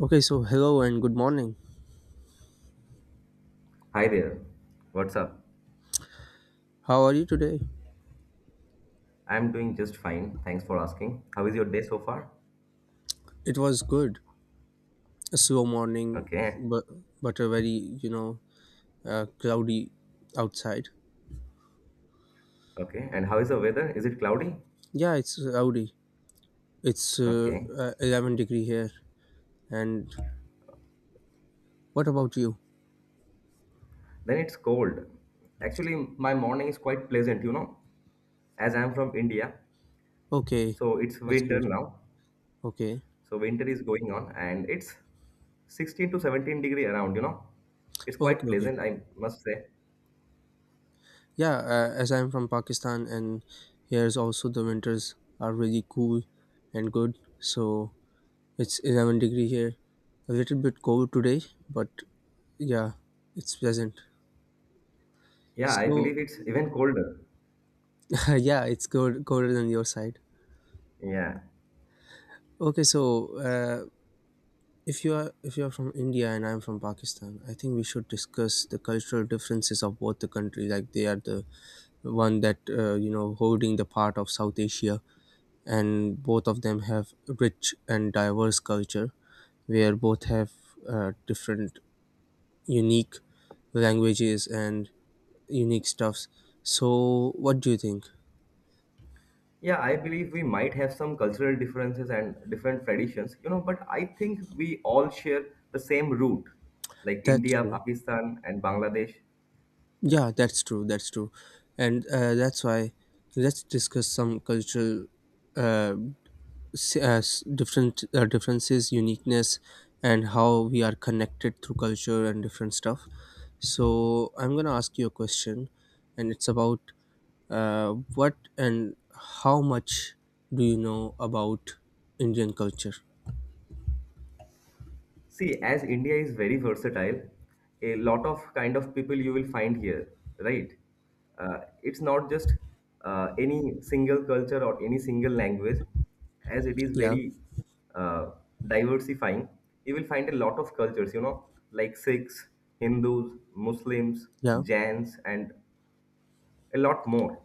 Okay, so hello and good morning. Hi there. What's up? How are you today? I'm doing just fine. Thanks for asking. How is your day so far? It was good. A slow morning, Okay. but but a very you know cloudy outside. Okay. And how is the weather? Is it cloudy? Yeah, it's cloudy. It's Okay. 11 degree here. And what about you? Then it's cold. Actually, my morning is quite pleasant, you know, as I'm from India. Okay, So it's that's winter great. now. Okay, So winter is going on and it's 16 to 17 degree around, you know. It's quite okay, okay. pleasant, I must say. Yeah, as I'm from Pakistan, and here's also the winters are really cool and good. So it's 11-degree here. A little bit cold today, but yeah, it's pleasant. Yeah, I So believe it's even colder. yeah, it's cold, colder than your side. Yeah. Okay, so if you are from India and I'm from Pakistan, I think we should discuss the cultural differences of both the country. Like they are the one that holding the part of South Asia, and both of them have rich and diverse culture, where both have different unique languages and unique stuffs. So, what do you think? Yeah, I believe we might have some cultural differences and different traditions, you know, but I think we all share the same root, like That's India, true. Pakistan, and Bangladesh. Yeah, that's true. That's true. And that's why let's discuss some cultural uh, different differences, uniqueness, and how we are connected through culture and different stuff. So, I'm gonna ask you a question, and it's about what and how much do you know about Indian culture? See, as India is very versatile, a lot of kind of people you will find here, right? It's not just any single culture or any single language, as it is Yeah. very uh, diversifying. You will find a lot of cultures, you know, like Sikhs, Hindus, Muslims, Yeah. Jains, and a lot more.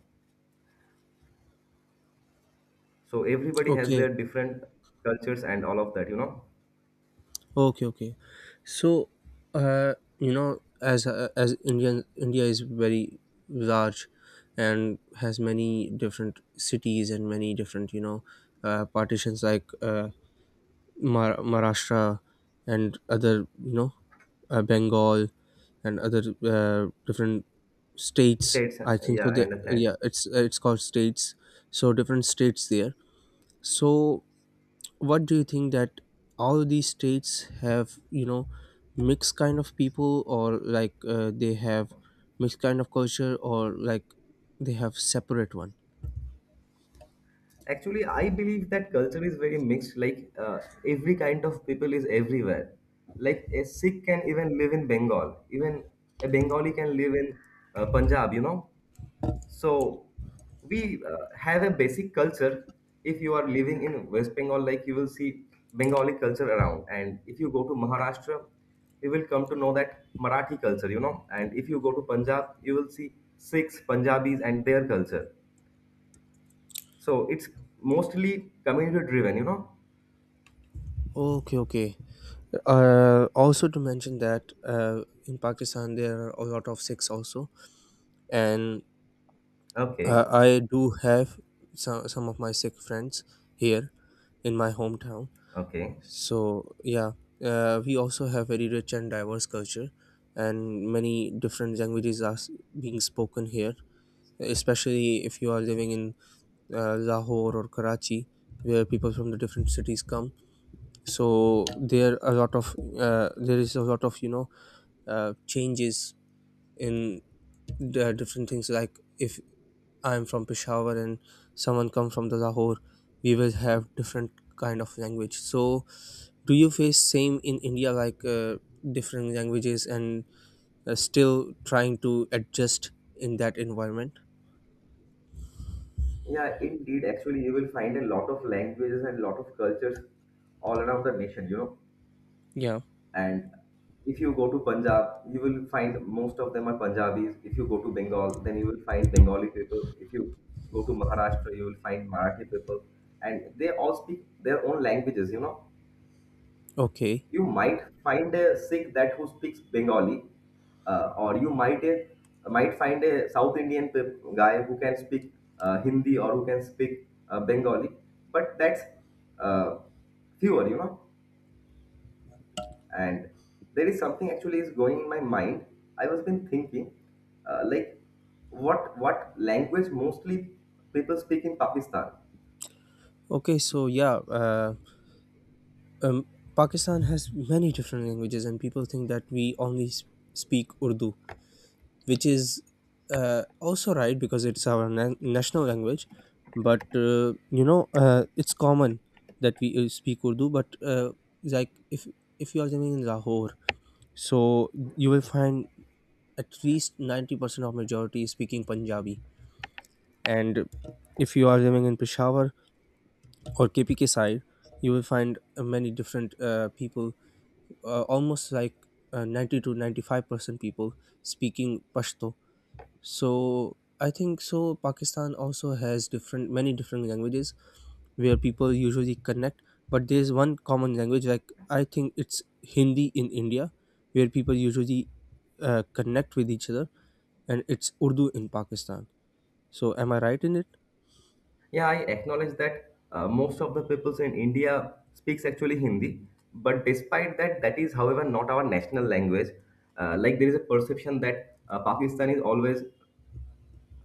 So everybody has Okay. their different cultures and all of that, you know. Okay. Okay. So, uh, as India is very large, and has many different cities and many different partitions like Maharashtra and other Bengal and other different states. States, I think so. yeah, I understand. Yeah, it's called states. So different states there. So what do you think that all these states have mixed kind of people, or like they have mixed kind of culture, or like they have separate one. Actually, I believe that culture is very mixed. Like every kind of people is everywhere. Like a Sikh can even live in Bengal. Even a Bengali can live in Punjab. You know, so we have a basic culture. If you are living in West Bengal, like you will see Bengali culture around, and if you go to Maharashtra, you will come to know that Marathi culture. You know, and if you go to Punjab, you will see Sikhs, Punjabis, and their culture, so it's mostly community driven, you know? Okay, okay, also to mention that in Pakistan there are a lot of Sikhs also, and Okay, I do have some of my Sikh friends here in my hometown. okay. So yeah, we also have very rich and diverse culture, and many different languages are being spoken here. Especially if you are living in Lahore or Karachi, where people from the different cities come. So there is a lot of changes in the different things. Like if I'm from Peshawar and someone come from the Lahore, we will have different kind of language. So do you face same in India, like different languages and still trying to adjust in that environment? Yeah, indeed. Actually, you will find a lot of languages and lot of cultures all around the nation, you know. Yeah. And if you go to Punjab, you will find most of them are Punjabis. If you go to Bengal, then you will find Bengali people. If you go to Maharashtra, you will find Marathi people. And they all speak their own languages, you know. Okay, You might find a Sikh that who speaks Bengali, or you might find a South Indian guy who can speak Hindi or who can speak Bengali. But that's uh, fewer, you know. And there is something actually is going in my mind. I was been thinking, like, what language mostly people speak in Pakistan? okay, so yeah, um, Pakistan has many different languages, and people think that we only speak Urdu, which is uh, also right, because it's our national language. But it's common that we speak Urdu, but like if if you are living in Lahore, so you will find at least 90% of majority is speaking Punjabi. And if you are living in Peshawar or KPK side, you will find many different people, almost 90 to 95% people speaking Pashto. So I think so Pakistan also has different many different languages where people usually connect, but there's one common language, like I think it's Hindi in India, where people usually connect with each other, and it's Urdu in Pakistan. So am I right in it? Yeah, I acknowledge that most of the peoples in India speaks actually Hindi, but despite that, that is, however, not our national language. Like there is a perception that Pakistan is always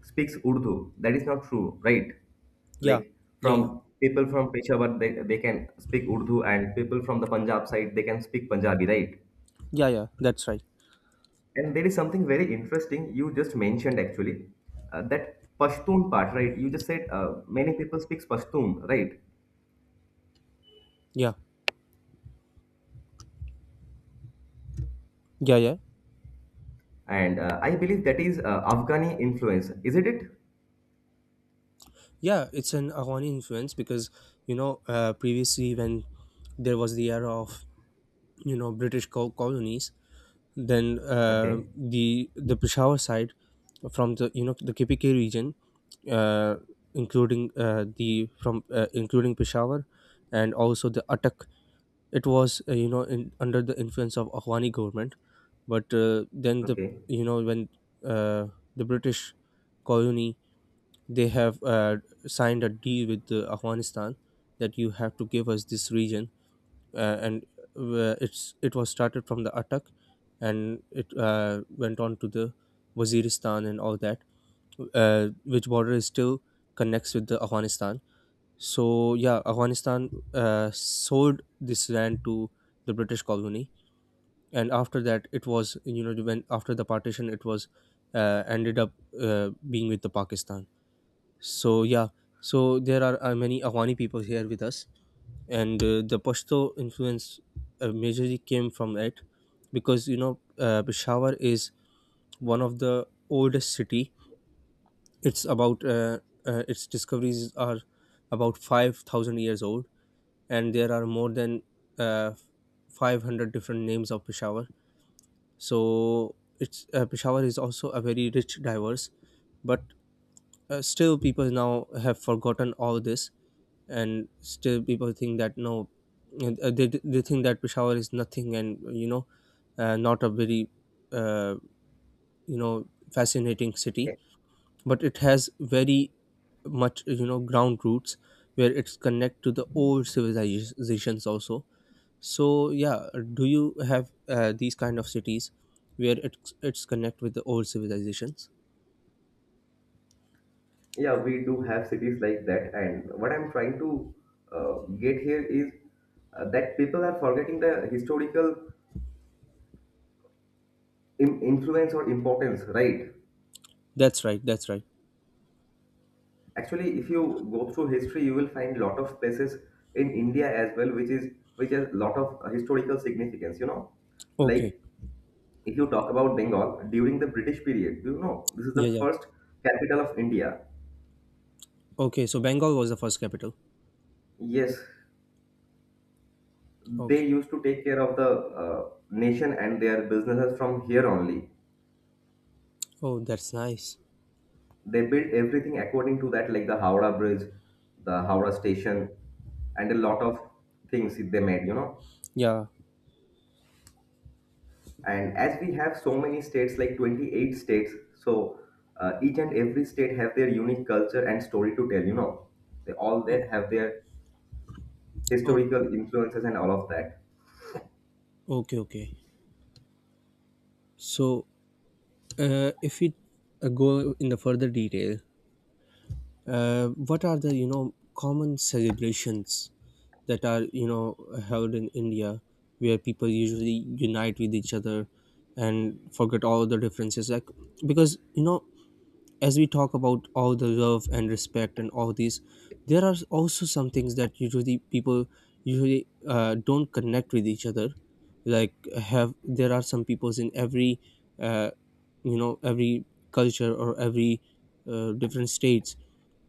speaks Urdu. That is not true, right? Yeah, Like yeah, yeah, from people from Peshawar, they can speak Urdu, and people from the Punjab side, they can speak Punjabi, right? yeah, yeah. That's right. And there is something very interesting you just mentioned actually, that Pashtun part, right? You just said many people speaks Pashtun, right? Yeah, yeah, yeah, And I believe that is Afghani influence, isn't it? yeah. It's an Afghani influence, because previously when there was the era of British colonies, then Okay, the Peshawar side from the you know the KPK region, uh, including Peshawar and also the Attak, it was under the influence of Afghani government. But then the okay. you know when uh, the British colony, they have signed a deal with Afghanistan that you have to give us this region, and it was started from the Atak, and it went on to the Waziristan and all that, which border is still connects with the Afghanistan. So yeah, Afghanistan sold this land to the British colony, and after that, it was you know when after the partition, it was ended up being with the Pakistan. So yeah, so there are many Afghani people here with us, and the Pashto influence majorly came from it, because Peshawar is one of the oldest city. It's about its discoveries are about 5,000 years old, and there are more than uh, 500 different names of Peshawar. So it's Peshawar is also a very rich, diverse, but still people now have forgotten all this, and still people think that no, they think that Peshawar is nothing, and you know, not a very uh, you know fascinating city, Eh, but it has very much ground roots where it's connect to the old civilizations also. So yeah, do you have these kind of cities where it's connect with the old civilizations? Yeah, we do have cities like that, and what I'm trying to uh, get here is that people are forgetting the historical influence or importance, right? That's right, that's right. Actually, if you go through history, you will find lot of places in India as well, which is which has lot of historical significance. You know, Okay. like if you talk about Bengal during the British period, you know this is the Yeah, yeah. first capital of India. Okay, so Bengal was the first capital. Yes, Okay. they used to take care of the nation and their businesses from here only. Oh, that's nice. They built everything according to that, like the Howrah Bridge, the Howrah Station, and a lot of things they made, you know. Yeah. And as we have so many states, like 28 states, so each and every state have their unique culture and story to tell, you know. They all Oh, they have their oh, historical influences and all of that. okay, okay. So if we go in the further detail, what are the common celebrations that are held in India where people usually unite with each other and forget all the differences? Like, because you know, as we talk about all the love and respect and all these, there are also some things that usually people usually don't connect with each other. Like, have there are some peoples in every uh, every culture or every different states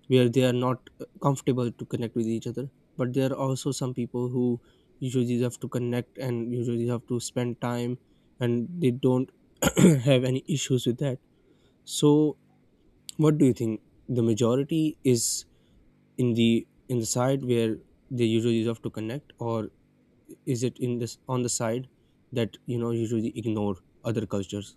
where they are not comfortable to connect with each other, but there are also some people who usually have to connect and usually have to spend time, and they don't have any issues with that. So what do you think the majority is: in the side where they usually have to connect, or is it in this on the side that you know usually ignore other cultures?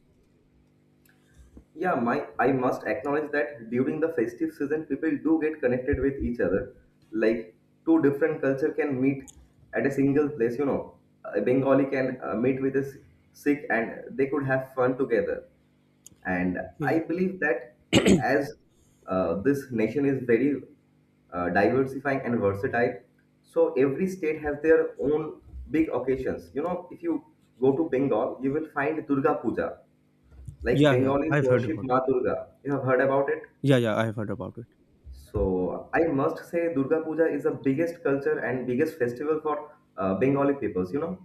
Yeah, my I must acknowledge that during the festive season, people do get connected with each other. Like two different culture can meet at a single place. You know, a Bengali can meet with a Sikh, and they could have fun together. And I Okay. believe that as this nation is very diversifying and versatile, so every state has their own big occasions. You know, if you go to Bengal, you will find Durga Puja, like Yeah, yeah, Bengalis I've heard worship about it. Ma Durga. You have heard about it? Yeah, yeah, I've heard about it. So I must say Durga Puja is the biggest culture and biggest festival for Bengali peoples, you know.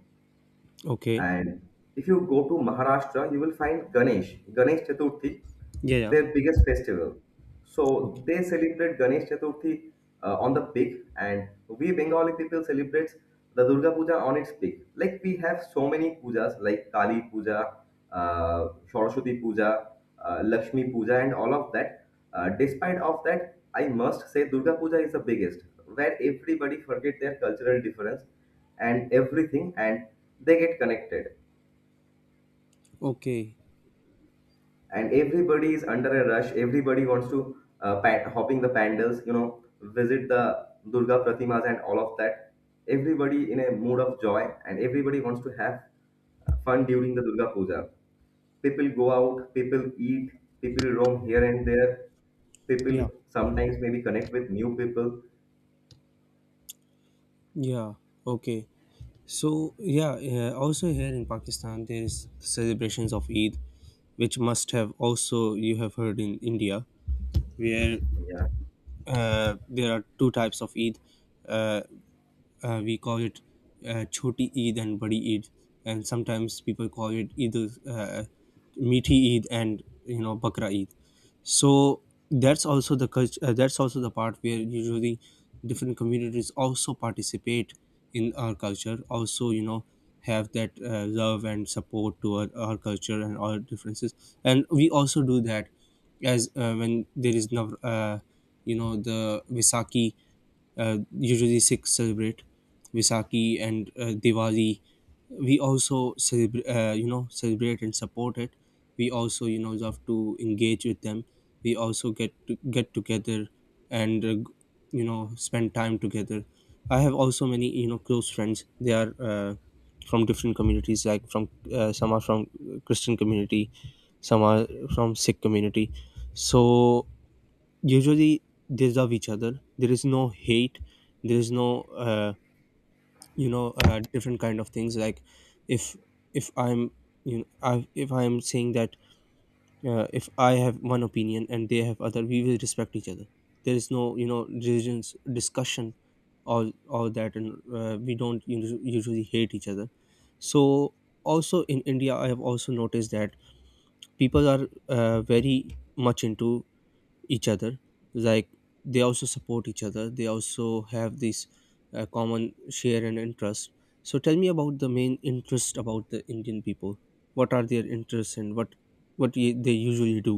Okay. And if you go to Maharashtra, you will find Ganesh Chaturthi, Yeah, yeah. their biggest festival. So Okay, they celebrate Ganesh Chaturthi on the peak, and we Bengali people celebrate the Durga Puja on its peak. Like we have so many pujas, like Kali Puja, Saraswati Puja, Lakshmi Puja, and all of that. Despite of that, I must say Durga Puja is the biggest, where everybody forget their cultural difference and everything, and they get connected. okay. And everybody is under a rush. Everybody wants to hopping the pandals, you know, visit the Durga Pratimas and all of that. Everybody in a mood of joy, and everybody wants to have fun during the Durga Puja. People go out, people eat, people roam here and there. People Yeah. sometimes maybe connect with new people. Yeah, okay. So, yeah, also here in Pakistan, there is celebrations of Eid, which must have also you have heard in India, where Yeah. There are two types of Eid. Uh, we call it Choti Eid and Badi Eid, and sometimes people call it uh, Meaty Eid, and you know Bakra Eid. So that's also the culture. That's also the part where usually different communities also participate in our culture. Also, you know, have that love and support toward our culture and our differences. And we also do that as when there is you know the Visaki, usually Sikhs celebrate Visakhi and Diwali. We also celebrate, you know, celebrate and support it. We also, you know, love to engage with them. We also get to get together and, you know, spend time together. I have also many, you know, close friends. They are from different communities. Like from some are from Christian community, some are from Sikh community. So usually they love each other. There is no hate, there is no uh, different kind of things. Like if if I'm you know I, if I'm saying that if I have one opinion and they have other, we will respect each other. There is no you know religions discussion, all that, and we don't usually hate each other. So also in India I have also noticed that people are very much into each other, like they also support each other, they also have this common share and interest. So tell me about the main interest about the Indian people. What are their interests, and what they usually do?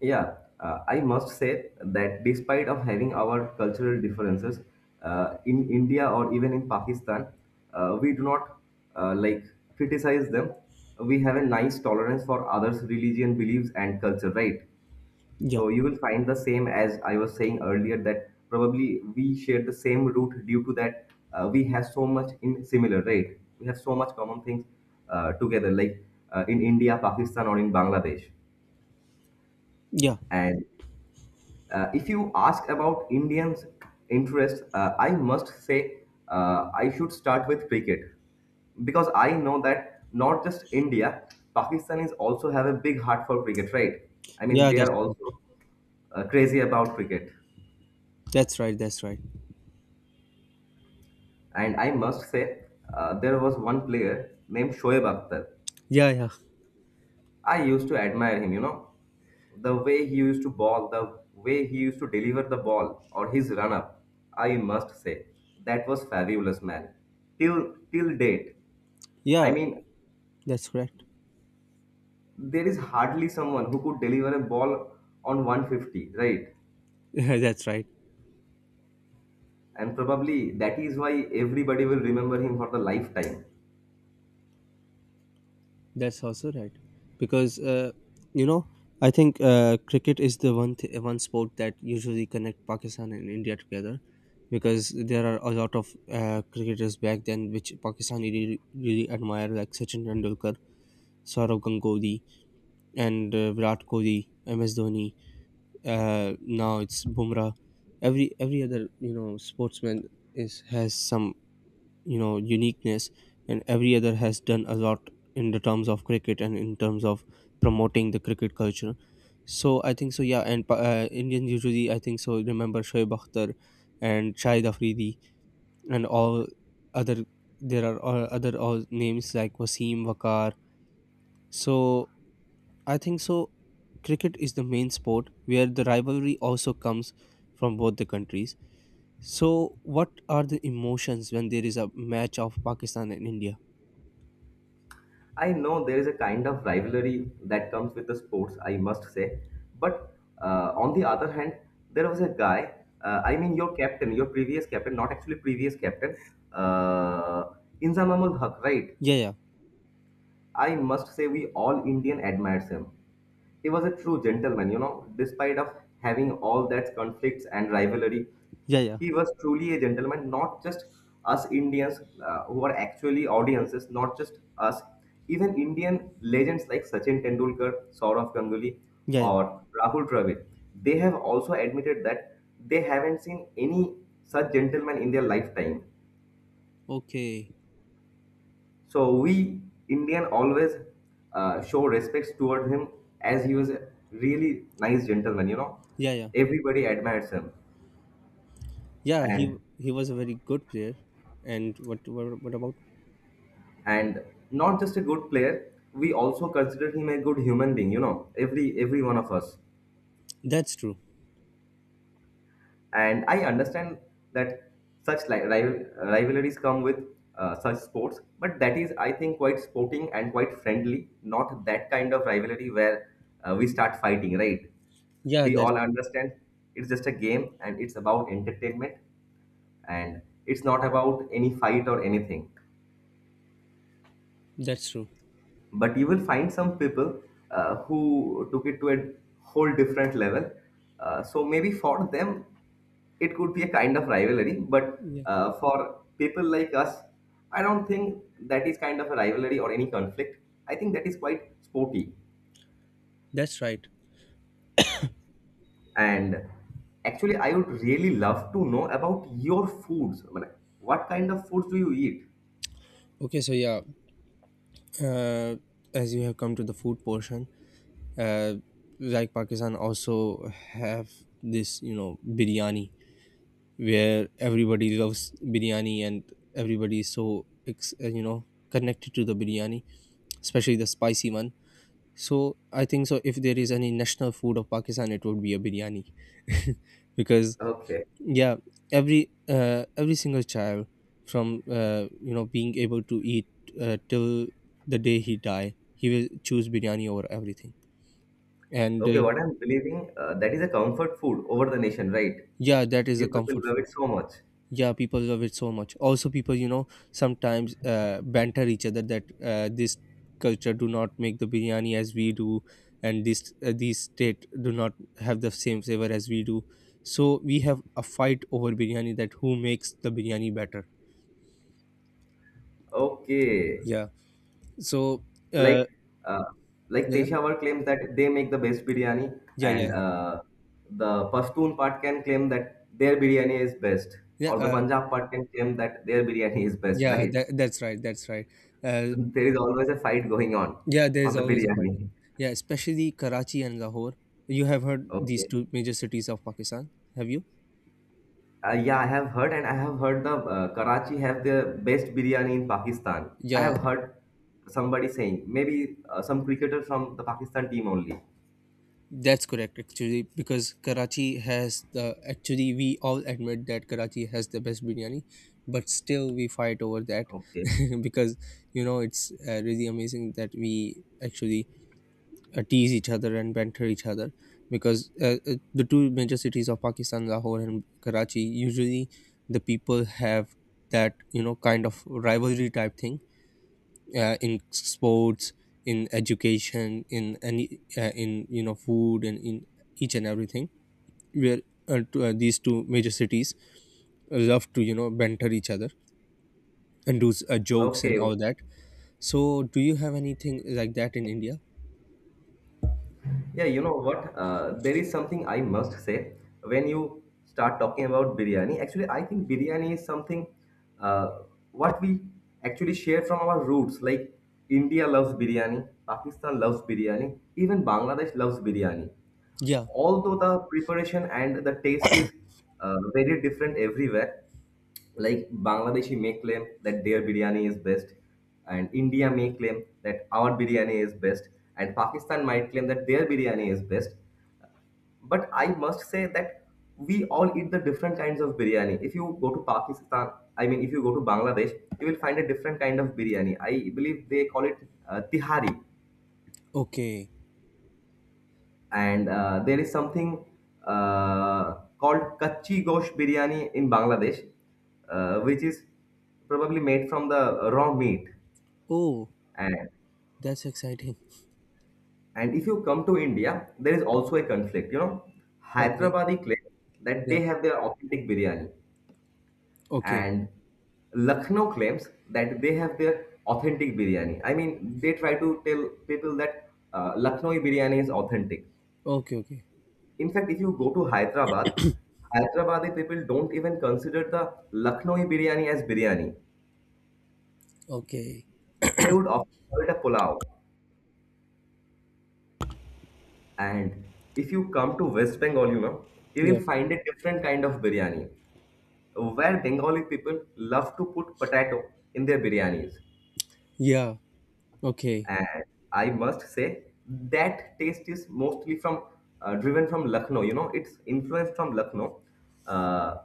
Yeah, I must say that despite of having our cultural differences in India or even in Pakistan, we do not like criticize them. We have a nice tolerance for others' religion, beliefs, and culture, right? Yeah. So you will find the same as I was saying earlier that probably we share the same root due to that we have so much in similar, right? We have so much common things together, like in India, Pakistan, or in Bangladesh. Yeah. And if you ask about Indians' interest, I must say I should start with cricket because I know that not just India, Pakistanis also have a big heart for cricket, right? I mean, Yeah, they that's are also crazy about cricket. that's right. That's right. And I must say, there was one player named Shoaib Akhtar. Yeah, yeah, I used to admire him, you know, the way he used to ball, the way he used to deliver the ball or his run up. I must say, that was fabulous, man. Till date, I yeah. mean, That's correct. there is hardly someone who could deliver a ball on 150, right? That's right. And probably that is why everybody will remember him for the lifetime. That's also right, because you know I think cricket is the one one sport that usually connect Pakistan and India together, because there are a lot of cricketers back then which Pakistan really, really admire, like Sachin Tendulkar, Saurav Ganguly, and Virat Kohli, MS Dhoni. Now it's Bumrah. Every other sportsman is has some uniqueness, and every other has done a lot in the terms of cricket and in terms of promoting the cricket culture. So I think so. Yeah. And Indians usually, I think so, remember Shoaib Akhtar and Shahid Afridi and all other, there are all names like Wasim Wakar. So I think so, cricket is the main sport where the rivalry also comes from both the countries. So what are the emotions when there is a match of Pakistan and India? I know there is a kind of rivalry that comes with the sports, I must say. But on the other hand, there was a guy, I mean, your captain, your previous captain, not actually previous captain, uh, Inzamamul Haq, right? Yeah, yeah. I must say we all Indian admires him. He was a Oh, true gentleman, you know, despite of having all that conflicts and rivalry. yeah, yeah. He was truly a gentleman, not just us Indians who are actually audiences, not just us. Even Indian legends like Sachin Tendulkar, Saurav Ganguly, Yeah, yeah. or Rahul Dravid, they have also admitted that they haven't seen any such gentleman in their lifetime. Okay. So we Indian always show respects toward him as he was a really nice gentleman. You know, Yeah, yeah. everybody admires him, Yeah, he and he was a very good player. And what about. and not just a good player. We also consider him a good human being. You know, every one of us. That's true. And I understand that such rivalries come with such sports, but that is, I think, quite sporting and quite friendly. Not that kind of rivalry where we start fighting, right? Yeah, We that's all true. understand it's just a game and it's about entertainment, and it's not about any fight or anything, That's true. but you will find some people who took it to a whole different level, so maybe for them it could be a kind of rivalry, but Yeah. For people like us, I don't think that is kind of a rivalry or any conflict. I think that is quite sporty. That's right. And actually, I would really love to know about your foods. I mean, what kind of foods do you eat? Okay, so yeah, uh, as you have come to the food portion, uh, like Pakistan also have biryani, where everybody loves biryani, and everybody is so connected to the biryani, especially the spicy one. So I think so. If there is any national food of Pakistan, it would be a biryani, because Okay. yeah, every single child from being able to eat till the day he die, he will choose biryani over everything. And Okay, uh, what I'm believing, that is a comfort food over the nation, right? yeah, that is You a people comfort love food. it so much. Yeah, people love it so much. Also, people sometimes banter each other that this culture do not make the biryani as we do, and this these state do not have the same flavor as we do. So we have a fight over biryani, that who makes the biryani better. Okay. Yeah. so Like, uh uh, like yeah, yeah, Peshawar claims that they make the best biryani, yeah, and yeah. The Pashtun part can claim that their biryani is best, Yeah, or the Punjab part can claim that their biryani is best, yeah, right? that's right, that's right. uh There is always a fight going yeah, there is on the always a fight. biryani. Yeah, especially Karachi and Lahore. You have heard these Okay. two major cities of Pakistan, have you? Yeah, I have heard, and I have heard the Karachi have the best biryani in Pakistan. I Yeah. have heard somebody saying maybe some cricketer from the Pakistan team only. That's correct, actually, because Karachi has the actually, we all admit that Karachi has the best biryani, but still we fight over that. Okay, Because it's really amazing that we actually tease each other and banter each other, because the two major cities of Pakistan, Lahore and Karachi, usually, the people have that kind of rivalry type thing, in sports, in education, in any in food, and in each and everything, where these two major cities love to banter each other and do jokes and okay, all that. So do you have anything like that in India? yeah. You know what? There is something I must say when you start talking about biryani. Actually, I think biryani is something what we actually share from our roots. Like India loves biryani, Pakistan loves biryani, even Bangladesh loves biryani. Yeah. Although the preparation and the taste is very different everywhere. Like Bangladeshi may claim that their biryani is best, and India may claim that our biryani is best, and Pakistan might claim that their biryani is best, but I must say that we all eat the different kinds of biryani. If you go to Pakistan, I mean if you go to Bangladesh, you will find a different kind of biryani. I believe they call it tihari. Okay. And there is something called kachi gosh biryani in Bangladesh, which is probably made from the raw meat. Oh, And, that's exciting. and if you come to India, there is also a conflict. You know, Okay. Hyderabadi claims that Yeah. they have their authentic biryani, Okay, and Lucknow claims that they have their authentic biryani. I mean, they try to tell people that Lucknowi biryani is authentic. okay, okay, In fact, if you go to Hyderabad, Hyderabadi people don't even consider the Lucknowi biryani as biryani. okay. They would often call it a pulao. And if you come to West Bengal, you know, you Yeah, will find a different kind of biryani where Bengali people love to put potato in their biryanis. yeah. Okay. And I must say that taste is mostly from driven from Lucknow. You know, it's influenced from Lucknow. Uh,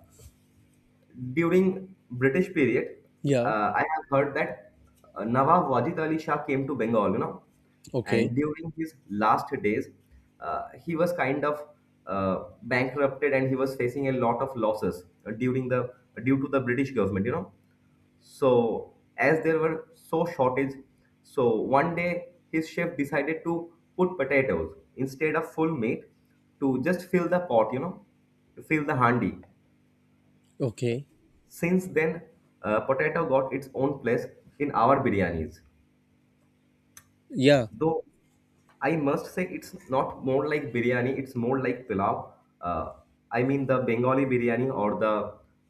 During British period, Yeah. I have heard that Nawab Wajid Ali Shah came to Bengal, you know, Okay, and during his last days, he was kind of bankrupted and he was facing a lot of losses during the due to the British government, you know. So as there were so shortage, so one day his chef decided to put potatoes instead of full meat to just fill the pot, you know, to fill the handi. okay. Since then, potato got its own place in our biryanis. Yeah. Though I must say it's not more like biryani, it's more like pilau. Uh, I mean the Bengali biryani or the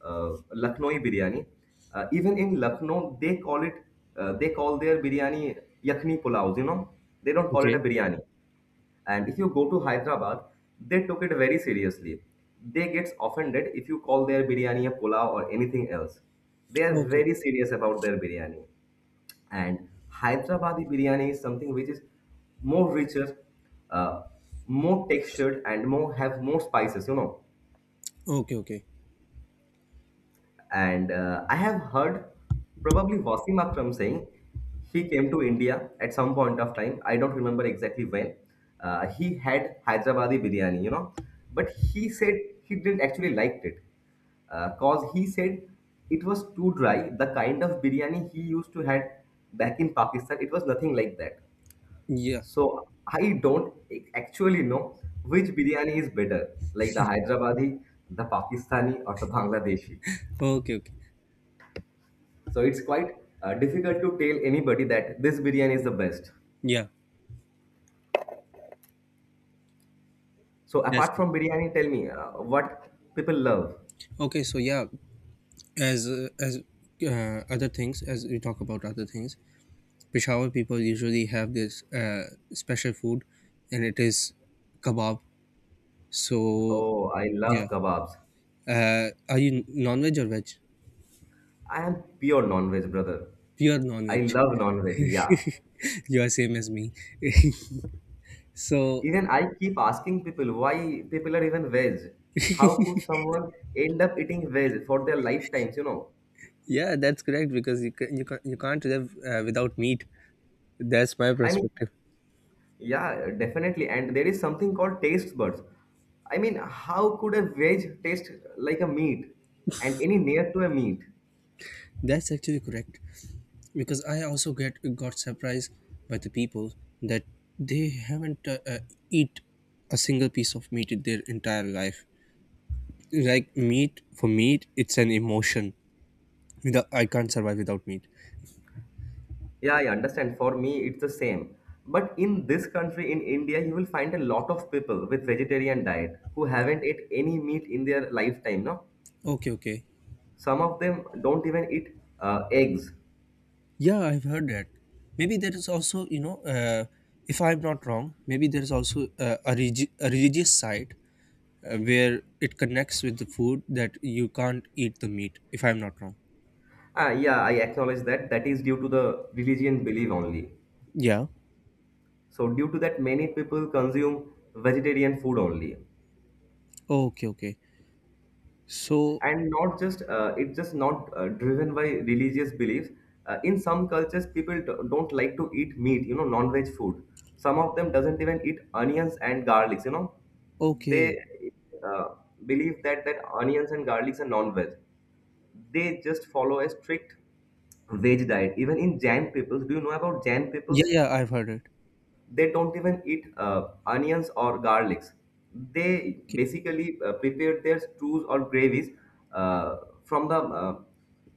Lucknowi biryani. Even in Lucknow, they call it, they call their biryani yakni pulaus, you know. They don't call it a Okay, biryani. And if you go to Hyderabad, they took it very seriously. They get offended if you call their biryani a pulao or anything else. They are okay, very serious about their biryani. And Hyderabadi biryani is something which is more richer, uh, more textured, and more have more spices. You know, okay, okay. Okay. and I have heard probably Wasim Akram saying he came to India at some point of time. I don't remember exactly when. He had Hyderabadi biryani, you know, but he said he didn't actually liked it because he said it was too dry. The kind of biryani he used to had back in Pakistan, it was nothing like that. Yeah. So I don't actually know which biryani is better, like the Hyderabadi, the Pakistani, or the Bangladeshi. Okay, okay. So it's quite difficult to tell anybody that this biryani is the best. Yeah, So that's apart it. from biryani, tell me what people love. Okay, so yeah, as uh, as as we talk about other things, Peshawar people usually have this special food, and it is kebab. So Oh, I love yeah, kebabs. Are you non-veg or veg? I am pure non-veg brother. Pure I non-veg. love non-veg. Yeah. You are same as me. So Even I keep asking people why people are even veg. How could someone end up eating veg for their lifetimes? You know. yeah, that's correct, because you can, you can't live without meat. That's my I mean, perspective. yeah, definitely. And there is something called taste buds. I mean, how could a veg taste like a meat and any near to a meat? That's actually correct, because I also get got surprised by the people that they haven't eat a single piece of meat in their entire life. Like meat for meat, it's an emotion. Without, I can't survive without meat. Yeah, I understand. For me, it's the same. But in this country, in India, you will find a lot of people with vegetarian diet who haven't ate any meat in their lifetime. No, Okay, okay. some of them don't even eat eggs. Yeah, I've heard that. Maybe there is also, if I'm not wrong, maybe there is also a religious side, where it connects with the food, that you can't eat the meat. If I'm not wrong. Ah, yeah, I acknowledge that. That is due to the religion belief only. Yeah. So due to that, many people consume vegetarian food only. Okay, okay. So And not just it's just not driven by religious beliefs. In some cultures people don't like to eat meat, you know, non-veg food. Some of them doesn't even eat onions and garlics, you know. okay. They uh, believe that onions and garlics are non-veg. They just follow a strict veg diet, even in Jain peoples. Do you know about Jain Yeah, peoples? yeah, I've heard it. They don't even eat onions or garlics. They Okay, basically prepare their stews or gravies uh, from the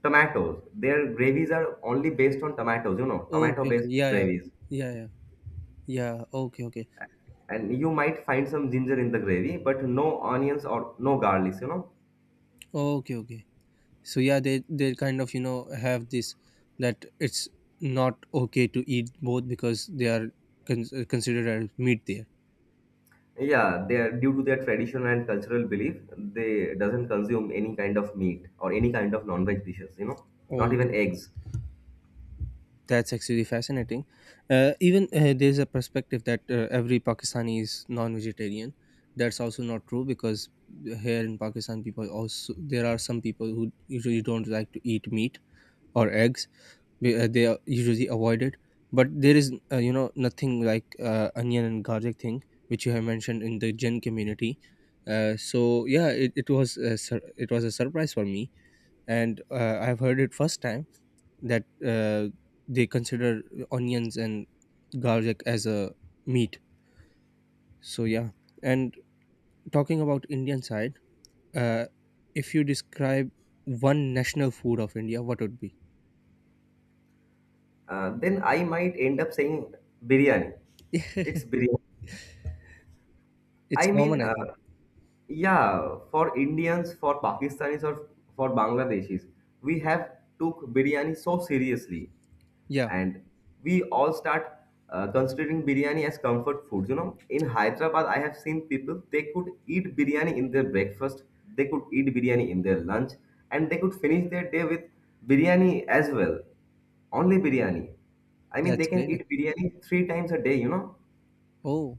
tomatoes. Their gravies are only based on tomatoes, you know, okay, okay. tomato-based Yeah, yeah, gravies. yeah, yeah, yeah. Okay, okay, And you might find some ginger in the gravy, but no onions or no garlics, you know. okay, okay. So yeah, they kind of have this, that it's not okay to eat both, because they are considered as meat there. Yeah, they are due to their tradition and cultural belief, they doesn't consume any kind of meat or any kind of non-veg dishes, you know, not Okay, even okay. eggs. That's actually fascinating. Even there's a perspective that every Pakistani is non-vegetarian. That's also not true, because here in Pakistan, people also there are some people who usually don't like to eat meat or eggs. They are usually avoided. But there is nothing like onion and garlic thing, which you have mentioned in the gen community. So yeah, it it was a surprise for me, and I've heard it first time, that uh, they consider onions and garlic as a meat. So yeah. And talking about Indian side, uh, if you describe one national food of India, what would be. Then I might end up saying biryani. It's biryani. It's I common, mean, I think. yeah, for Indians, for Pakistanis, or for Bangladeshis, we have took biryani so seriously, Yeah, and we all start considering biryani as comfort foods. You know, in Hyderabad I have seen people, they could eat biryani in their breakfast, they could eat biryani in their lunch, and they could finish their day with biryani as well. Only biryani. I mean, that's they can great. eat biryani 3 times a day, you know. Oh,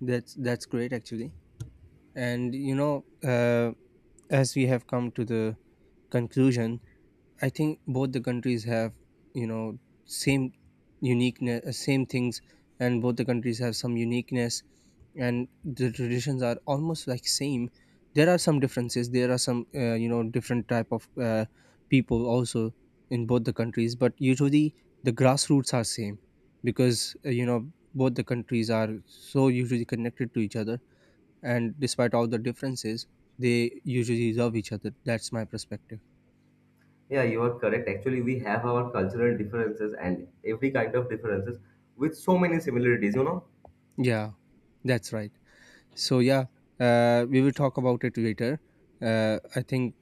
that's great actually. And as we have come to the conclusion, I think both the countries have, you know, same uniqueness, same things, and both the countries have some uniqueness, and the traditions are almost like same. There are some differences. There are some, different type of people also in both the countries, but usually the grassroots are same, because both the countries are so usually connected to each other, and despite all the differences, they usually love each other. That's my perspective. Yeah, you are correct, actually. We have our cultural differences and every kind of differences with so many similarities, you know. Yeah, that's right. So yeah, we will talk about it later. I think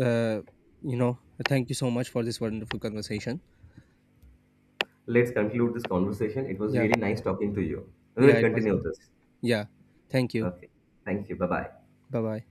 uh, you know. Thank you so much for this wonderful conversation. Let's conclude this conversation. It was Yeah, really nice talking to you. We yeah, will it was. continue this. Yeah, thank you. Okay. Thank you. Bye bye. Bye bye.